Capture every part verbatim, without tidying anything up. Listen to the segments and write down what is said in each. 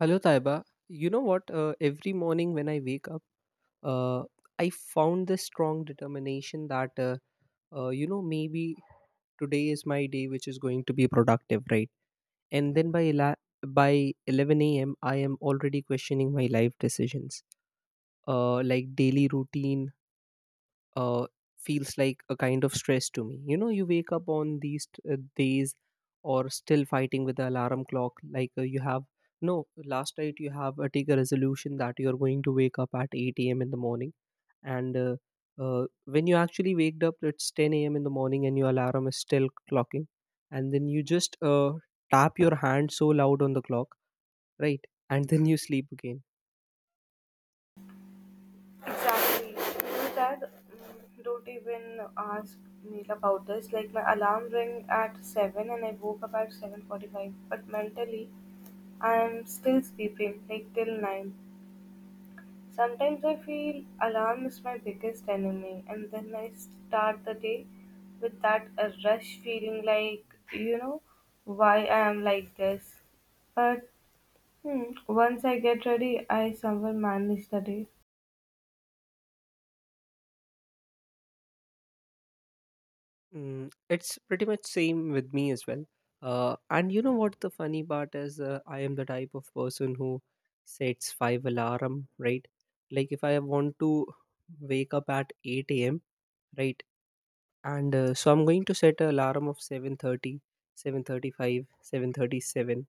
Hello, Taiba. You know what? Uh, every morning when I wake up, uh, I found this strong determination that, uh, uh, you know, maybe today is my day, which is going to be productive, right? And then by ela- by eleven a m, I am already questioning my life decisions, uh, like daily routine, uh, feels like a kind of stress to me. you know you wake up on these t- uh, days, or still fighting with the alarm clock, like uh, you have no. Last night you have uh, take a resolution that you're going to wake up at eight a.m in the morning, and uh, uh, when you actually waked up it's ten a.m in the morning and your alarm is still clocking. And then you just uh, tap your hand so loud on the clock, right, and then you sleep again. Exactly. My dad mm, don't even ask me about this. Like my alarm rang at seven and I woke up at seven forty-five. But mentally, I'm still sleeping like till nine. Sometimes I feel alarm is my biggest enemy, and then I start the day with that uh, rush feeling like you know why I am like this. But hmm, once I get ready, I somehow manage the day. Mm, it's pretty much same with me as well. Uh, and you know what the funny part is? Uh, I am the type of person who sets five alarm, right? Like, if I want to wake up at eight a m, right? And uh, so, I'm going to set an alarm of seven thirty, seven thirty, seven thirty-seven,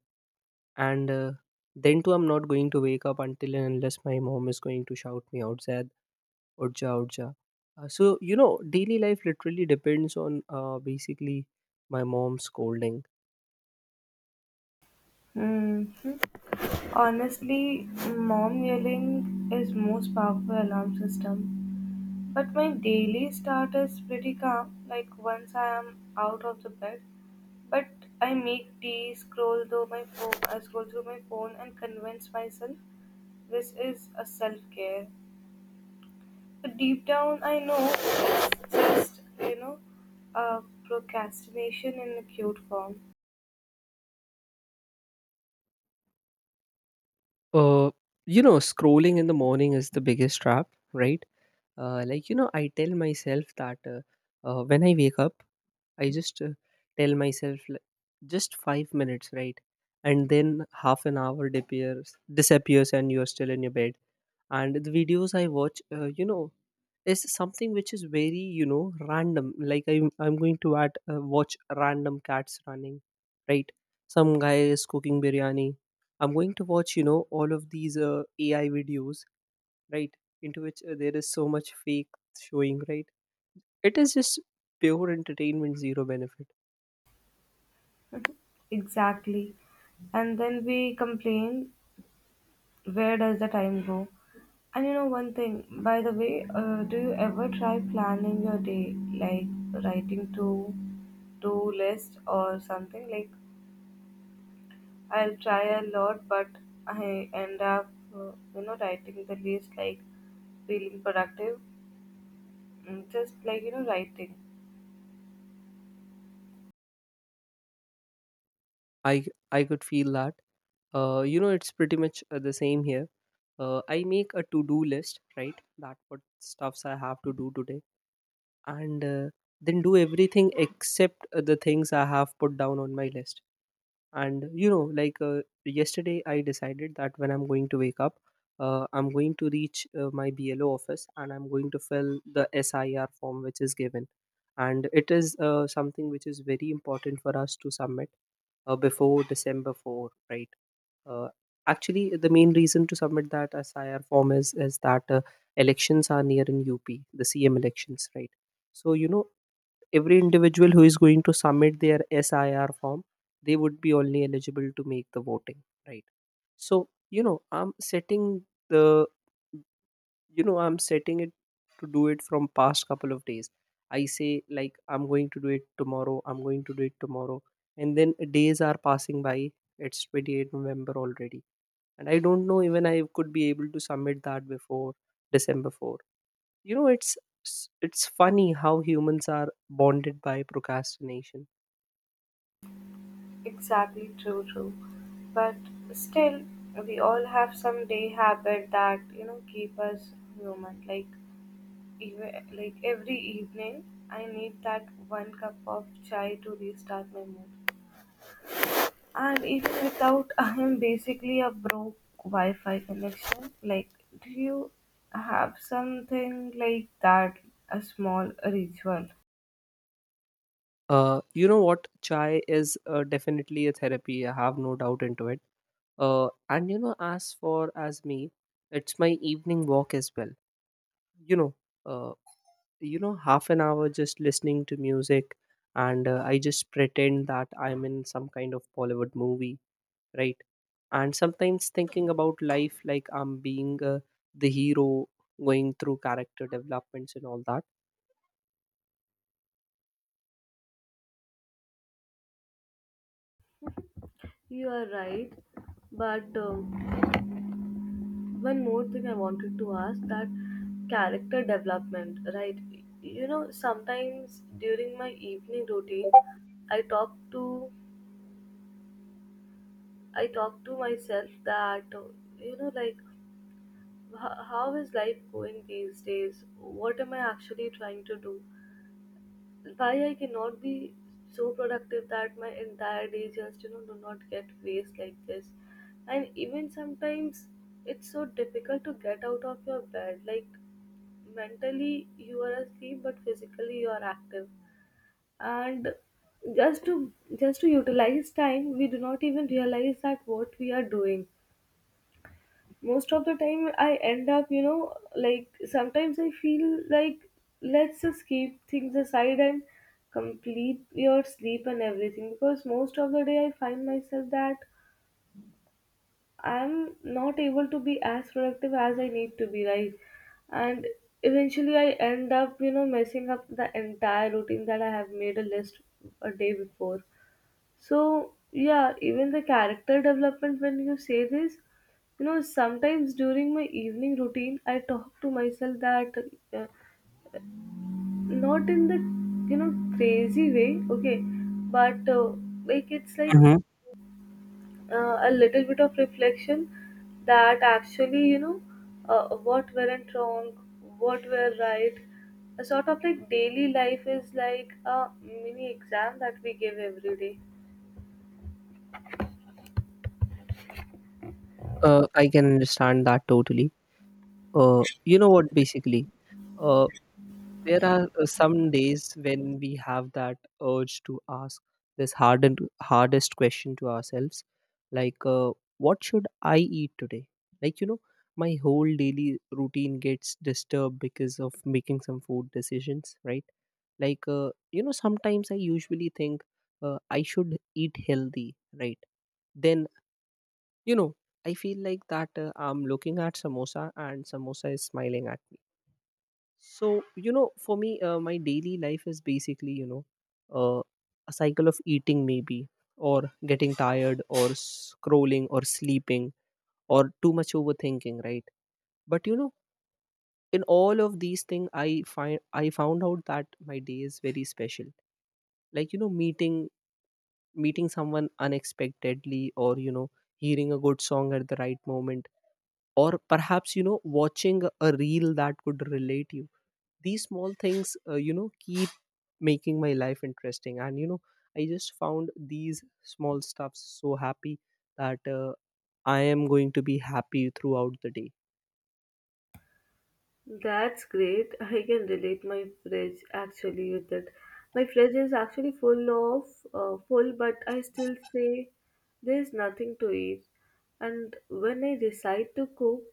and uh, then too I'm not going to wake up until and unless my mom is going to shout me outside, Urja, Urja. Uh, so, you know, daily life literally depends on uh, basically my mom scolding. Hmm. Honestly, mom yelling is most powerful alarm system. But my daily start is pretty calm, like once I am out of the bed. But I make tea, scroll through my phone, I scroll through my phone and convince myself this is a self-care. But deep down I know it's just, you know, a procrastination in a cute form. Uh, you know, scrolling in the morning is the biggest trap, right? Uh, like, you know, I tell myself that uh, uh, when I wake up, I just uh, tell myself like, just five minutes, right? And then half an hour disappears, disappears, and you're still in your bed. And the videos I watch, uh, you know is something which is very, you know random. Like, i'm, I'm going to at, uh, watch random cats running, right, some guy is cooking biryani. I'm going to watch, you know all of these uh, A I videos, right, into which uh, there is so much fake showing, right. It is just pure entertainment, zero benefit. Exactly. And then we complain, where does the time go? And you know one thing, by the way, uh, do you ever try planning your day, like writing to do list or something? Like I'll try a lot, but I end up, uh, you know, writing the list like feeling productive. Mm, just like you know writing. I i could feel that. uh, you know it's pretty much uh, the same here. uh, I make a to do list, right, that what stuffs I have to do today. And uh, then do everything except uh, the things I have put down on my list. And you know like, uh, yesterday I decided that when I'm going to wake up, uh, I'm going to reach uh, my blo office and I'm going to fill the SIR form which is given. And it is uh, something which is very important for us to submit uh, before December fourth, right. uh, Actually, the main reason to submit that SIR form is is that uh, elections are near in U P, the C M elections, right. So, you know every individual who is going to submit their S I R form, they would be only eligible to make the voting, right? So, you know, I'm setting the, you know, I'm setting it to do it from past couple of days. I say, like, I'm going to do it tomorrow. I'm going to do it tomorrow, and then days are passing by. It's twenty-eighth November already, and I don't know even I could be able to submit that before December fourth. You know, it's s- it's funny how humans are bonded by procrastination. Exactly, true, true. But still, we all have some day habit that you know keep us human. Like even like every evening, I need that one cup of chai to restart my mood. And even without, I am basically a broke Wi-Fi connection. Like, do you have something like that? A small ritual. Uh you know what, chai is uh, definitely a therapy. I have no doubt into it. Uh and you know as for as me, it's my evening walk as well. you know uh you know half an hour just listening to music, and uh, I just pretend that I'm in some kind of Bollywood movie, right, and sometimes thinking about life, like I'm being uh, the hero, going through character developments and all that. You are right, but um one more thing I wanted to ask that character development, right? You know, sometimes during my evening routine, I talk to I talk to myself that uh, you know, like h- how is life going these days? What am I actually trying to do? Why I cannot be so productive that my entire day just you know do not get waste like this, and even sometimes it's so difficult to get out of your bed, like mentally you are asleep but physically you are active, and just to just to utilize time we do not even realize that what we are doing. Most of the time I end up you know like sometimes I feel like let's just keep things aside and complete your sleep and everything, because most of the day I find myself that I'm not able to be as productive as I need to be, right? And eventually, I end up, you know, messing up the entire routine that I have made a list a day before. So, yeah, even the character development, when you say this, you know, sometimes during my evening routine, I talk to myself that uh, not in the, you know, crazy way, okay, but uh, like it's like Hmm. uh, a little bit of reflection that actually you know uh, what went wrong, what were right. A sort of, like, daily life is like a mini exam that we give every day. uh, I can understand that totally. Uh, you know what, basically uh, there are uh, some days when we have that urge to ask this hard and hardest question to ourselves, like, uh, what should I eat today? Like, you know my whole daily routine gets disturbed because of making some food decisions, right. Like, uh, you know sometimes I usually think, uh, I should eat healthy, right. Then, you know I feel like that, uh, I'm looking at samosa and samosa is smiling at me. So, you know for me, uh, my daily life is basically, you know uh, a cycle of eating, maybe, or getting tired or scrolling or sleeping or too much overthinking, right. But, you know in all of these things, i find I found out that my day is very special, like, you know meeting meeting someone unexpectedly, or you know hearing a good song at the right moment, or perhaps you know watching a reel that could relate you. These small things, uh, you know keep making my life interesting, and you know I just found these small stuffs so happy, that uh, I am going to be happy throughout the day. That's great. I can relate my fridge actually with it. My fridge is actually full of uh, full, but I still say there's nothing to eat. And when I decide to cook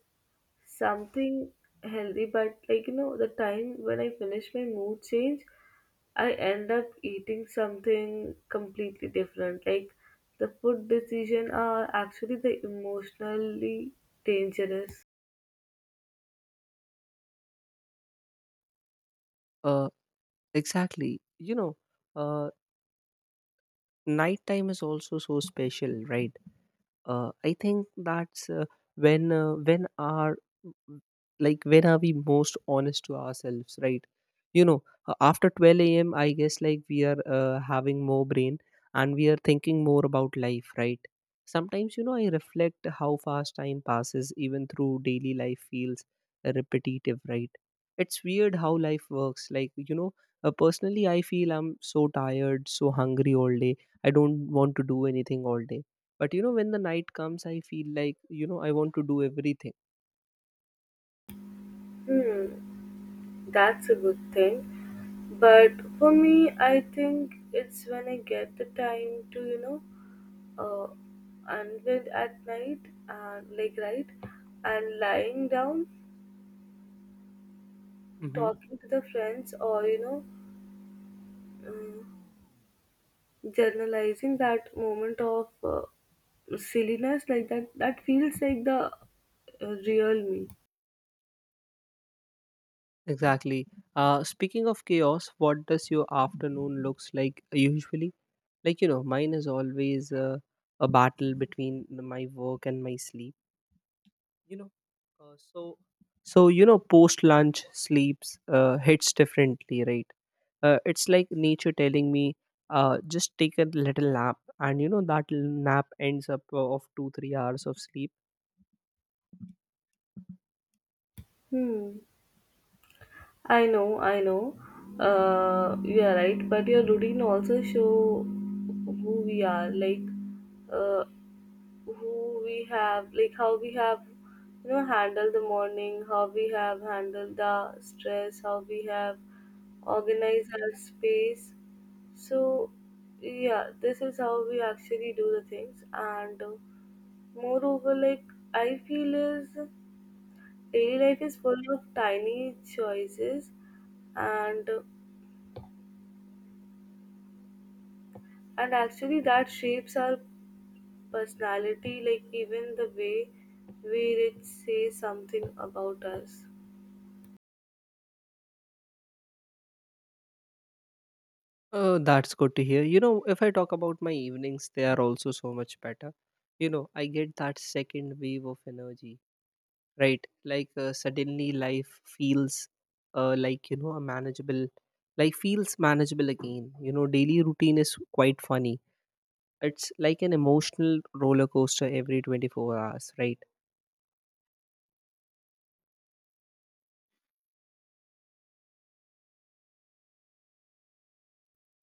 something healthy, but like you know the time when I finish, my mood change. I end up eating something completely different, like the food decision are actually the emotionally dangerous. uh exactly, you know. uh Nighttime is also so special, right. Uh, I think that's uh, when, uh, when are like when are we most honest to ourselves, right? You know, uh, after twelve a m, I guess, like, we are uh, having more brain, and we are thinking more about life, right? Sometimes, you know I reflect how fast time passes, even through daily life feels repetitive, right. It's weird how life works. Like, you know, uh, personally, I feel I'm so tired, so hungry all day. I don't want to do anything all day, but, you know when the night comes, I feel like, you know I want to do everything. Hmm, that's a good thing. But for me I think it's when I get the time to you know uh unwind at night, and like right, and lying down, Hmm. talking to the friends, or you know um, journalizing that moment of uh, silliness, like that, that feels like the uh, real me. Exactly. Uh speaking of chaos, what does your afternoon looks like, usually? Like, you know mine is always, uh, a battle between my work and my sleep. You know uh, so so you know post lunch sleeps uh, hits differently, right. Uh, it's like nature telling me, uh, just take a little nap, and you know that l- nap ends up uh, of two three hours of sleep. Hmm. I know, I know. Uh, you are right, but your routine also show who we are, like uh, who we have, like how we have, you know, handled the morning, how we have handled the stress, how we have organized our space. So, yeah, this is how we actually do the things, and uh, moreover, like I feel is, daily life is full of tiny choices, and uh, and actually that shapes our personality, like even the way we say something about us. Oh, that's good to hear. You know, if I talk about my evenings, they are also so much better. You know, I get that second wave of energy, right? Like, uh, suddenly life feels, uh, like, you know, a manageable, like feels manageable again. You know, daily routine is quite funny. It's like an emotional roller coaster every twenty-four hours, right?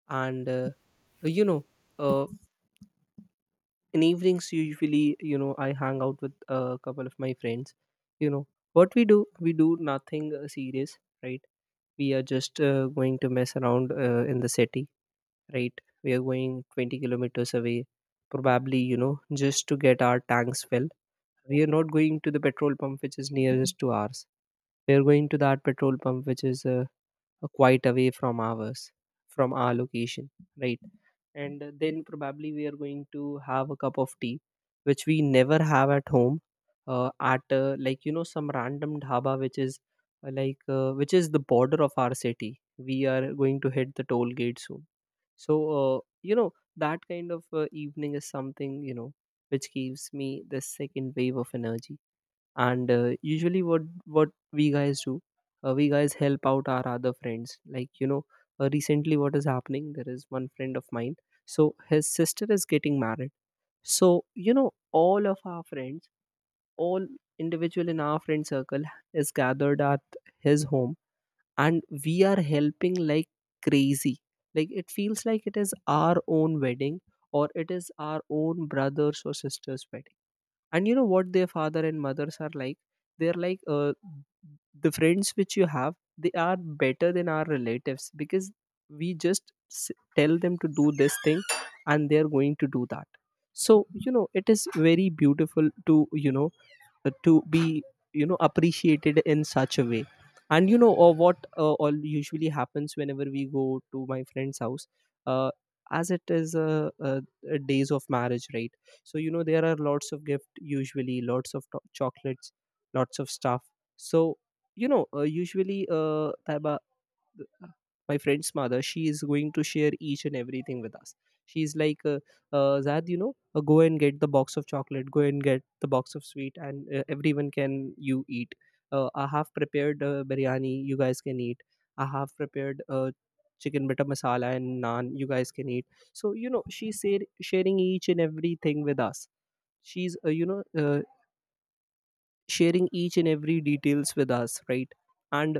And, uh, you know, uh, in evenings usually, you know I hang out with a couple of my friends. You know what we do? We do nothing uh, serious, right. We are just uh, going to mess around uh, in the city, right. We are going twenty kilometers away, probably, you know just to get our tanks filled. We are not going to the petrol pump which is nearest to ours. We are going to that petrol pump which is uh, quite away from ours, from our location, right. And then probably we are going to have a cup of tea, which we never have at home, uh, at uh, like, you know some random dhaba which is uh, like uh, which is the border of our city. We are going to hit the toll gate soon. So, uh, you know that kind of uh, evening is something, you know which gives me this second wave of energy. And, uh, usually, what what we guys do, uh, we guys help out our other friends, like, you know uh, recently, what is happening, there is one friend of mine, so his sister is getting married. So, you know all of our friends, all individual in our friend circle, is gathered at his home, and we are helping like crazy. Like, it feels like it is our own wedding, or it is our own brothers or sisters wedding. And you know what, their father and mothers are like, they're like, uh, the friends which you have, they are better than our relatives, because we just s- tell them to do this thing, and they're going to do that. So, you know it is very beautiful to, you know uh, to be, you know appreciated in such a way. And you know or what uh, all usually happens whenever we go to my friend's house. uh, as it is a, a, a days of marriage, right, so, you know there are lots of gift, usually lots of to- chocolates, lots of stuff. So, you know uh, usually, uh, Taiba, th- uh, my friend's mother, she is going to share each and everything with us. She's like, uh, uh, Zad, you know uh, go and get the box of chocolate, go and get the box of sweet, and uh, everyone can you eat. uh, I have prepared uh, biryani, you guys can eat. I have prepared uh, chicken butter masala and naan, you guys can eat. So, you know she's share- sharing each and everything with us. She's uh, you know uh, sharing each and every details with us, right? And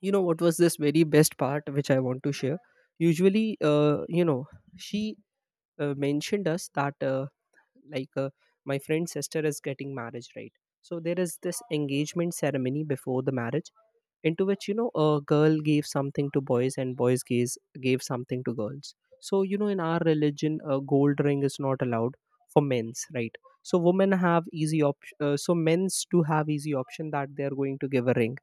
you know what was this very best part which I want to share? Usually, uh, you know, she uh, mentioned us that, uh, like, uh, my friend's sister is getting marriage, right. So there is this engagement ceremony before the marriage, into which, you know, a girl gave something to boys and boys gave, gave something to girls. So, you know, in our religion, a gold ring is not allowed for men's, right. So women have easy option, uh, so men's do have easy option that they are going to give a ring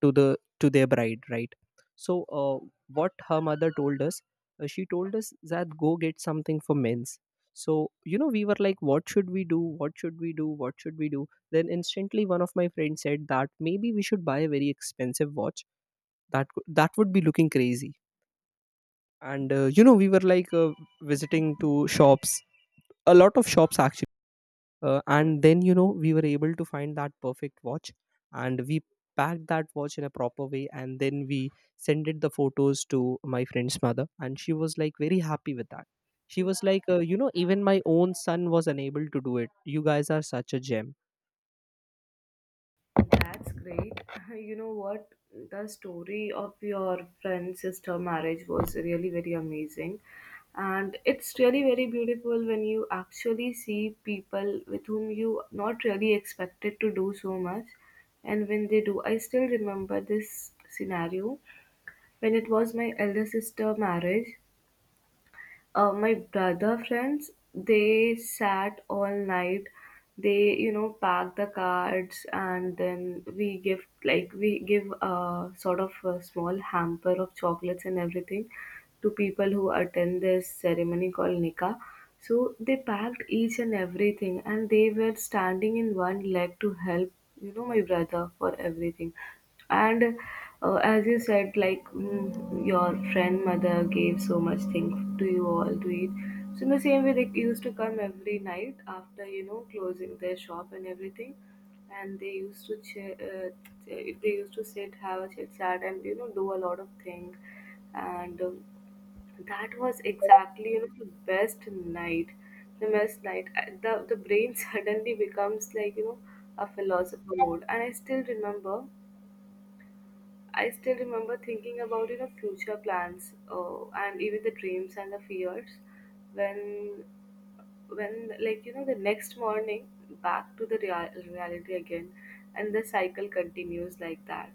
to the to their bride, right. So uh, what her mother told us. Uh, she told us that go get something for men's. So, you know, we were like, what should we do, what should we do, what should we do? Then instantly, one of my friends said that maybe we should buy a very expensive watch, that could- that would be looking crazy. And uh, you know, we were like, uh, visiting to shops, a lot of shops. Uh, and then, you know, we were able to find that perfect watch, and we packed that watch in a proper way, and then we sent it the photos to my friend's mother, and she was like very happy with that. She was like, uh, you know, even my own son was unable to do it, you guys are such a gem. That's great. You know what? The story of your friend's sister marriage was really very amazing. And it's really very beautiful when you actually see people with whom you not really expected to do so much. And when they do, I still remember this scenario when it was my elder sister marriage. Uh, my brother friends, they sat all night, they you know pack the cards, and then we give like we give a sort of a small hamper of chocolates and everything to people who attend this ceremony called nikah. So they packed each and everything and they were standing in one leg to help you know my brother for everything. And uh, as you said, like mm, your friend mother gave so much thing to you all to eat. So in the same way they used to come every night after you know closing their shop and everything. And they used to ch- uh, ch- they used to sit, have a chit chat, and you know do a lot of things. And um, that was exactly you know the best night, the best night. I- the the brain suddenly becomes like, you know, a philosopher mode, and i still remember I still remember thinking about you know future plans, uh, and even the dreams and the fears. When when like you know the next morning, back to the real- reality again, and the cycle continues like that.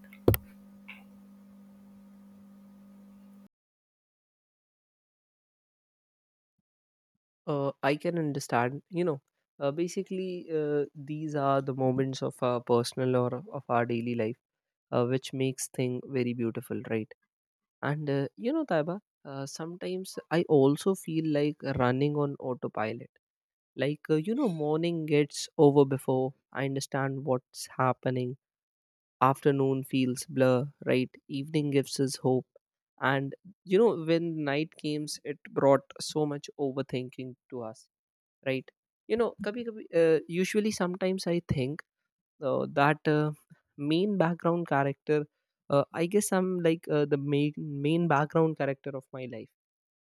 uh, I can understand, you know. Uh, basically uh, these are the moments of our personal or of our daily life, uh, which makes thing very beautiful, right. And uh, you know, Taiba, uh, sometimes I also feel like running on autopilot. Like, uh, you know, morning gets over before I understand what's happening. Afternoon feels blur, right? Evening gives us hope. And, you know, when night came, it brought so much overthinking to us, right? You know, kabhi, kabhi, uh, usually sometimes I think uh, that uh, main background character. uh, I guess I'm like, uh, the main main background character of my life.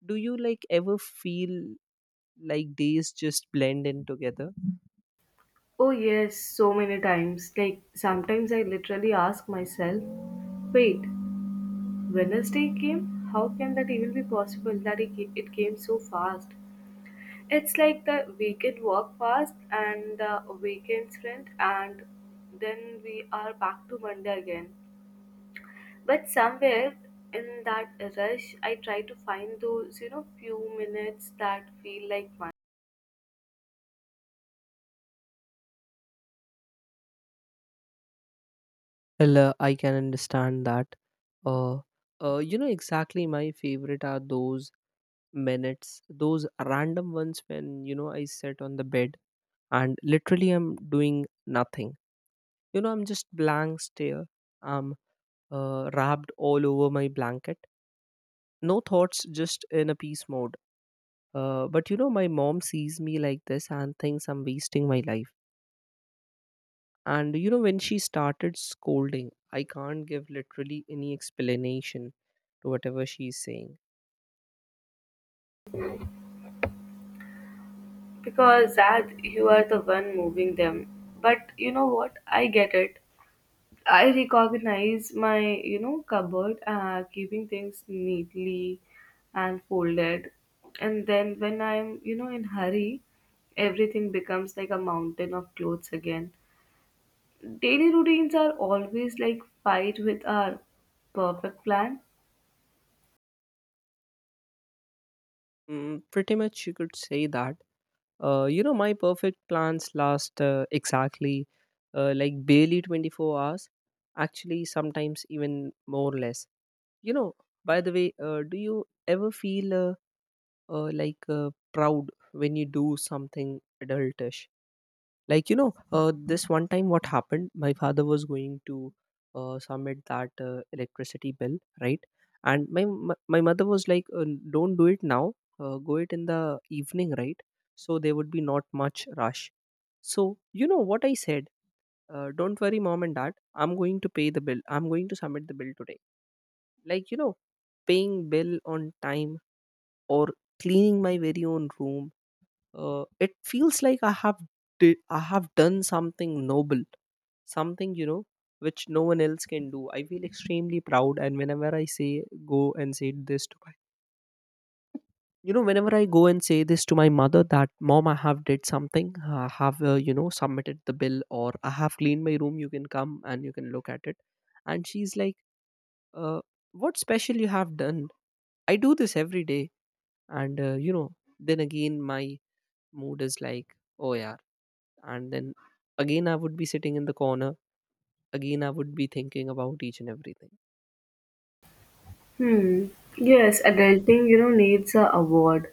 Do you like ever feel like days just blend in together? Oh yes, so many times. Like sometimes I literally ask myself, wait, Wednesday came? How can that even be possible that it ca- it came so fast? It's like the weekend walk fast and the weekend sprint, and then we are back to Monday again. But somewhere in that rush, I try to find those, you know, few minutes that feel like one. Well, uh, I can understand that. Uh, uh, you know exactly, my favorite are those minutes, those random ones when, you know, I sit on the bed and literally I'm doing nothing. You know, I'm just blank stare. I'm uh, wrapped all over my blanket. No thoughts, just in a peace mode. Uh, but you know, my mom sees me like this and thinks I'm wasting my life. And you know, when she started scolding, I can't give literally any explanation to whatever she's saying. Because that, you are the one moving them. But you know what? I get it. I recognize my, you know, cupboard, uh, keeping things neatly and folded. And then when I'm, you know, in hurry, everything becomes like a mountain of clothes again. Daily routines are always like fight with our perfect plan. Mm, pretty much, you could say that. Uh, you know, my perfect plans last, uh, exactly, uh, like, barely 24 hours. Actually, sometimes even more or less. You know, by the way, uh, do you ever feel, uh, uh, like, uh, proud when you do something adultish? Like, you know, uh, this one time what happened, my father was going to uh, submit that uh, electricity bill, right. And my m- my mother was like, uh, don't do it now, uh, go it in the evening, right. So there would be not much rush. So you know what I said? Uh, don't worry, mom and dad, I'm going to pay the bill, I'm going to submit the bill today. Like, you know, paying bill on time, or cleaning my very own room, uh, it feels like i have did, I have done something noble, something, you know, which no one else can do. I feel extremely proud, and whenever I say, go and say this to my you know, whenever I go and say this to my mother that, mom, I have did something, I have uh, you know, submitted the bill, or I have cleaned my room, you can come and you can look at it. And she's like, uh, what special you have done? I do this every day. And uh, you know, then again my mood is like, oh yeah. And then again I would be sitting in the corner, again I would be thinking about each and everything. Hmm. Yes, adulting, you know, needs a award.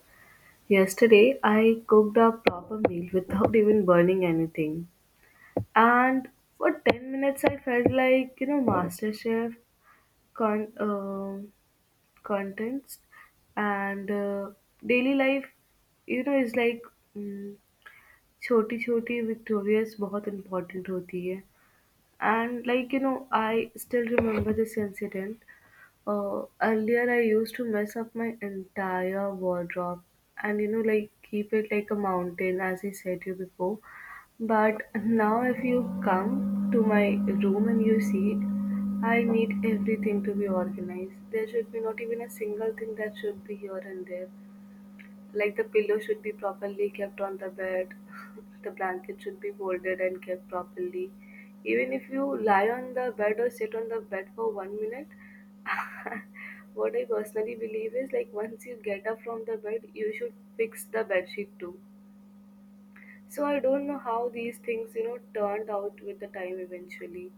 Yesterday, I cooked a proper meal without even burning anything. And for ten minutes, I felt like, you know, master chef con- um contents. And uh, daily life, you know is like, mm, छोटी छोटी victorious बहुत important होती है. And like you know I still remember this incident. Uh, earlier, I used to mess up my entire wardrobe, and you know, like keep it like a mountain, as I said you before. But now, if you come to my room and you see it, I need everything to be organized. There should be not even a single thing that should be here and there. Like the pillow should be properly kept on the bed, the blanket should be folded and kept properly. Even if you lie on the bed or sit on the bed for one minute, what I personally believe is, like, once you get up from the bed, you should fix the bed sheet too. So I don't know how these things, you know, turned out with the time eventually.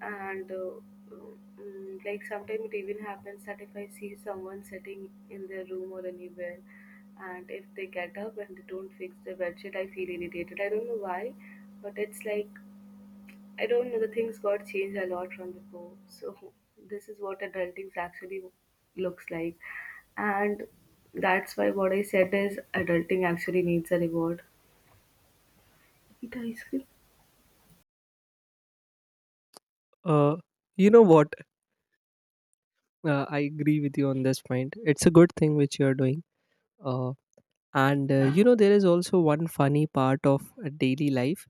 And uh, mm, like sometimes it even happens that if I see someone sitting in their room or anywhere, and if they get up and they don't fix their bedsheet, I feel irritated. I don't know why, but it's like, I don't know. The things got changed a lot from before. So this is what adulting actually looks like, and that's why what I said is, adulting actually needs a reward. Eat ice cream. Uh, you know what? Uh, I agree with you on this point. It's a good thing which you are doing. Uh, and uh, you know, there is also one funny part of uh, daily life.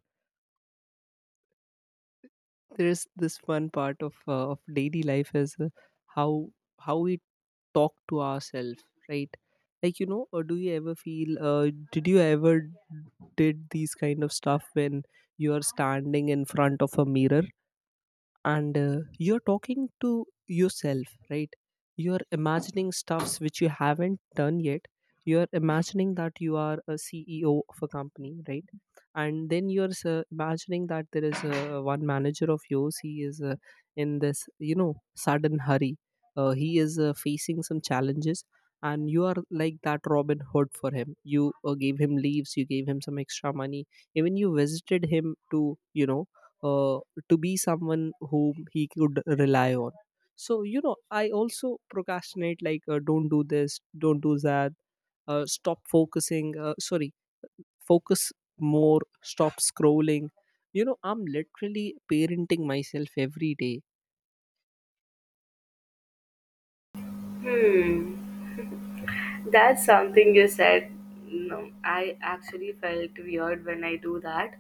There is this one part of uh, of daily life, is uh, how how we talk to ourselves, right? Like, you know, or do you ever feel? Uh, did you ever did these kind of stuff when you are standing in front of a mirror? And uh, you're talking to yourself, right? You're imagining stuffs which you haven't done yet. You're imagining that you are a C E O of a company, right? And then you're uh, imagining that there is uh, one manager of yours. He is uh, in this, you know, sudden hurry. Uh, he is uh, facing some challenges, and you are like that Robin Hood for him. You uh, gave him leaves, you gave him some extra money, even you visited him to, you know, uh, to be someone whom he could rely on. So, you know, I also procrastinate, like, uh, don't do this, don't do that. Uh, stop focusing uh, Sorry, focus more, stop scrolling. You know, I'm literally parenting myself every day. Hmm, that's something you said. No, I actually felt weird when I do that,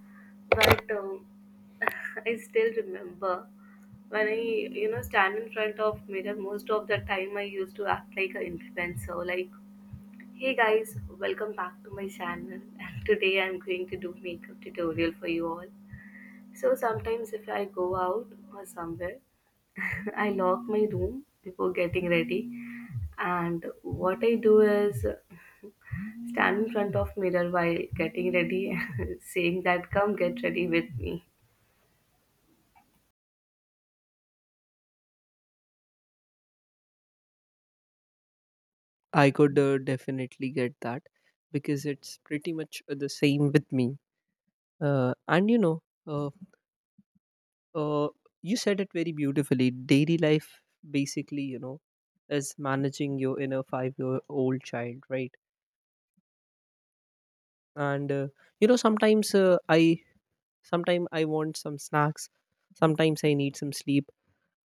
but um, I still remember when I, you know, stand in front of mirror. Most of the time, I used to act like an influencer, like, "Hey guys, welcome back to my channel, and today I'm going to do makeup tutorial for you all." So sometimes if I go out or somewhere, I lock my room before getting ready. And what I do is stand in front of mirror while getting ready, saying that come get ready with me. I could uh, definitely get that, because it's pretty much the same with me. Uh, and you know, uh, Uh, you said it very beautifully. Daily life, basically, you know, is managing your inner five-year-old child, right? And uh, you know, sometimes uh, I, sometimes I want some snacks, sometimes I need some sleep,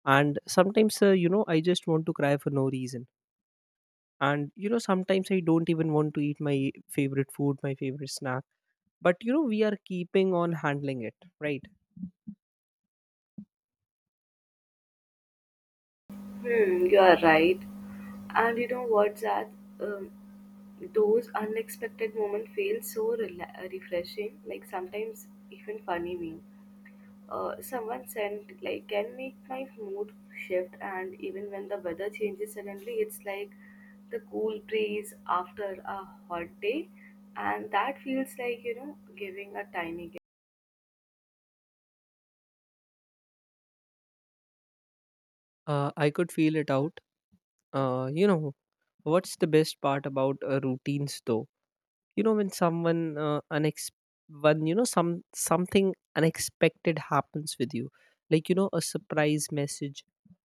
and sometimes uh, you know, I just want to cry for no reason. And you know, sometimes I don't even want to eat my favorite food, my favorite snack. But you know, we are keeping on handling it, right? Hmm, you are right. And you know what's that? Um, those unexpected moments feel so rela- refreshing, like sometimes even funny me. Uh, someone sent like can make my mood shift, and even when the weather changes suddenly, it's like the cool breeze after a hot day, and that feels like you know giving a tiny gift. Uh, I could feel it out. Uh, you know, what's the best part about uh, routines, though? You know, when someone uh, unex when you know, some something unexpected happens with you, like, you know, a surprise message,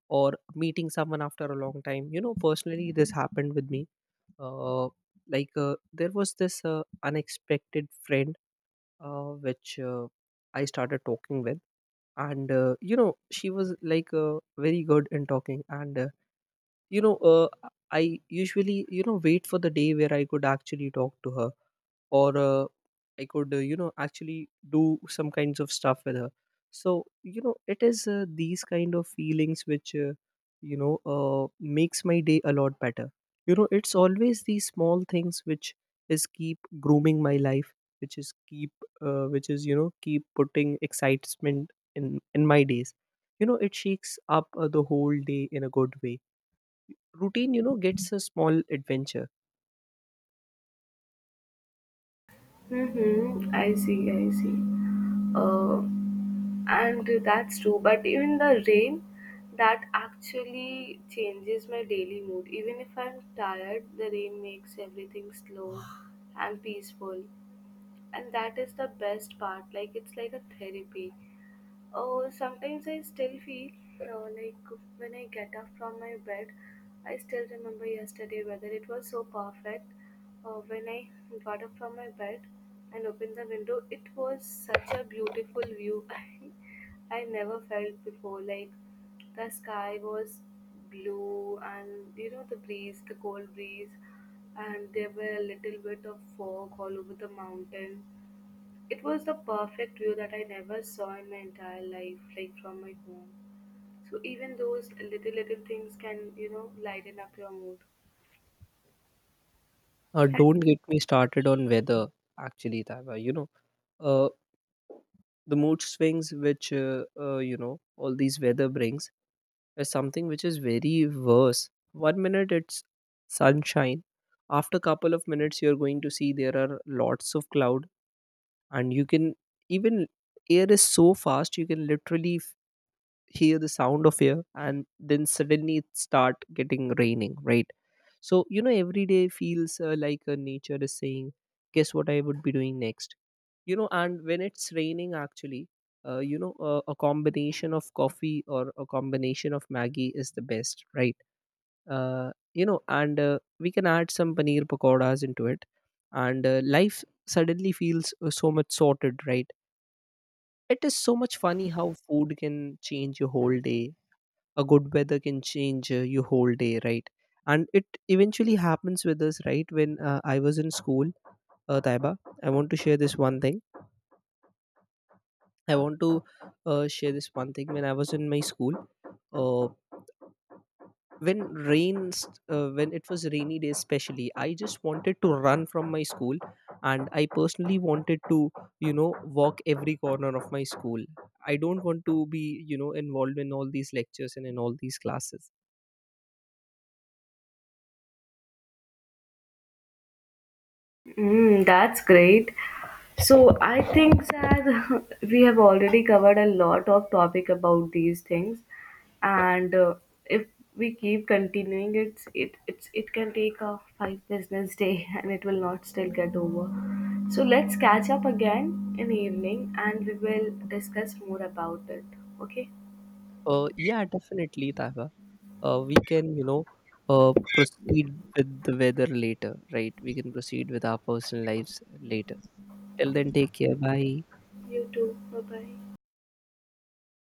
or meeting someone after a long time. You know, personally, this happened with me. uh, like, uh, there was this uh, unexpected friend, uh, which uh, I started talking with. And uh, you know, she was like, uh, very good in talking. And uh, you know uh, I usually, you know, wait for the day where I could actually talk to her, or uh, I could, uh, you know, actually do some kinds of stuff with her. So, you know, it is uh, these kind of feelings which, uh, you know, uh, makes my day a lot better. You know, it's always these small things which is keep grooming my life, which is keep, uh, which is you know, keep putting excitement in in my days. You know, it shakes up uh, the whole day in a good way. Routine, you know, gets a small adventure. Mm-hmm. I see, I see. uh, and that's true, but even the rain, that actually changes my daily mood. Even if I'm tired, the rain makes everything slow and peaceful, and that is the best part, like, it's like a therapy. Oh, sometimes I still feel uh, like, when I get up from my bed, I still remember yesterday whether it was so perfect. Uh, when I got up from my bed and opened the window, it was such a beautiful view. i I never felt before, like, the sky was blue, and you know the breeze the cold breeze, and there were a little bit of fog all over the mountain. It was the perfect view that I never saw in my entire life, like, from my home. So even those little little things can, you know, lighten up your mood. Uh, don't get me started on weather, actually, Taiba. You know, uh, the mood swings which, uh, uh, you know, all these weather brings is something which is very worse. One minute it's sunshine. After couple of minutes, you're going to see there are lots of cloud, and you can even, air is so fast you can literally f- hear the sound of air, and then suddenly it start getting raining, right? So, you know, every day feels uh, like, uh, nature is saying, guess what I would be doing next? You know, and when it's raining, actually, uh, you know, uh, a combination of coffee or a combination of Maggie is the best, right? Uh, you know, and uh, we can add some paneer pakoras into it, and uh, life suddenly feels uh, so much sorted, right? It is so much funny how food can change your whole day, a good weather can change uh, your whole day, right. And it eventually happens with us, right. When uh, I was in school, uh, Taiba, I want to share this one thing. I want to uh, share this one thing When I was in my school, uh, when rains uh, when it was rainy day, especially I just wanted to run from my school, and I personally wanted to, you know, walk every corner of my school. I don't want to be, you know, involved in all these lectures and in all these classes. Mm, that's great. So I think that we have already covered a lot of topic about these things, and uh, if we keep continuing, it's it it's it can take a five business day, and it will not still get over. So let's catch up again in evening, and we will discuss more about it. Okay, uh, Yeah, definitely, Taiba. Uh, we can, you know, uh, proceed with the weather later, right. We can proceed with our personal lives later. Till then, take care. Bye. you too. Bye bye.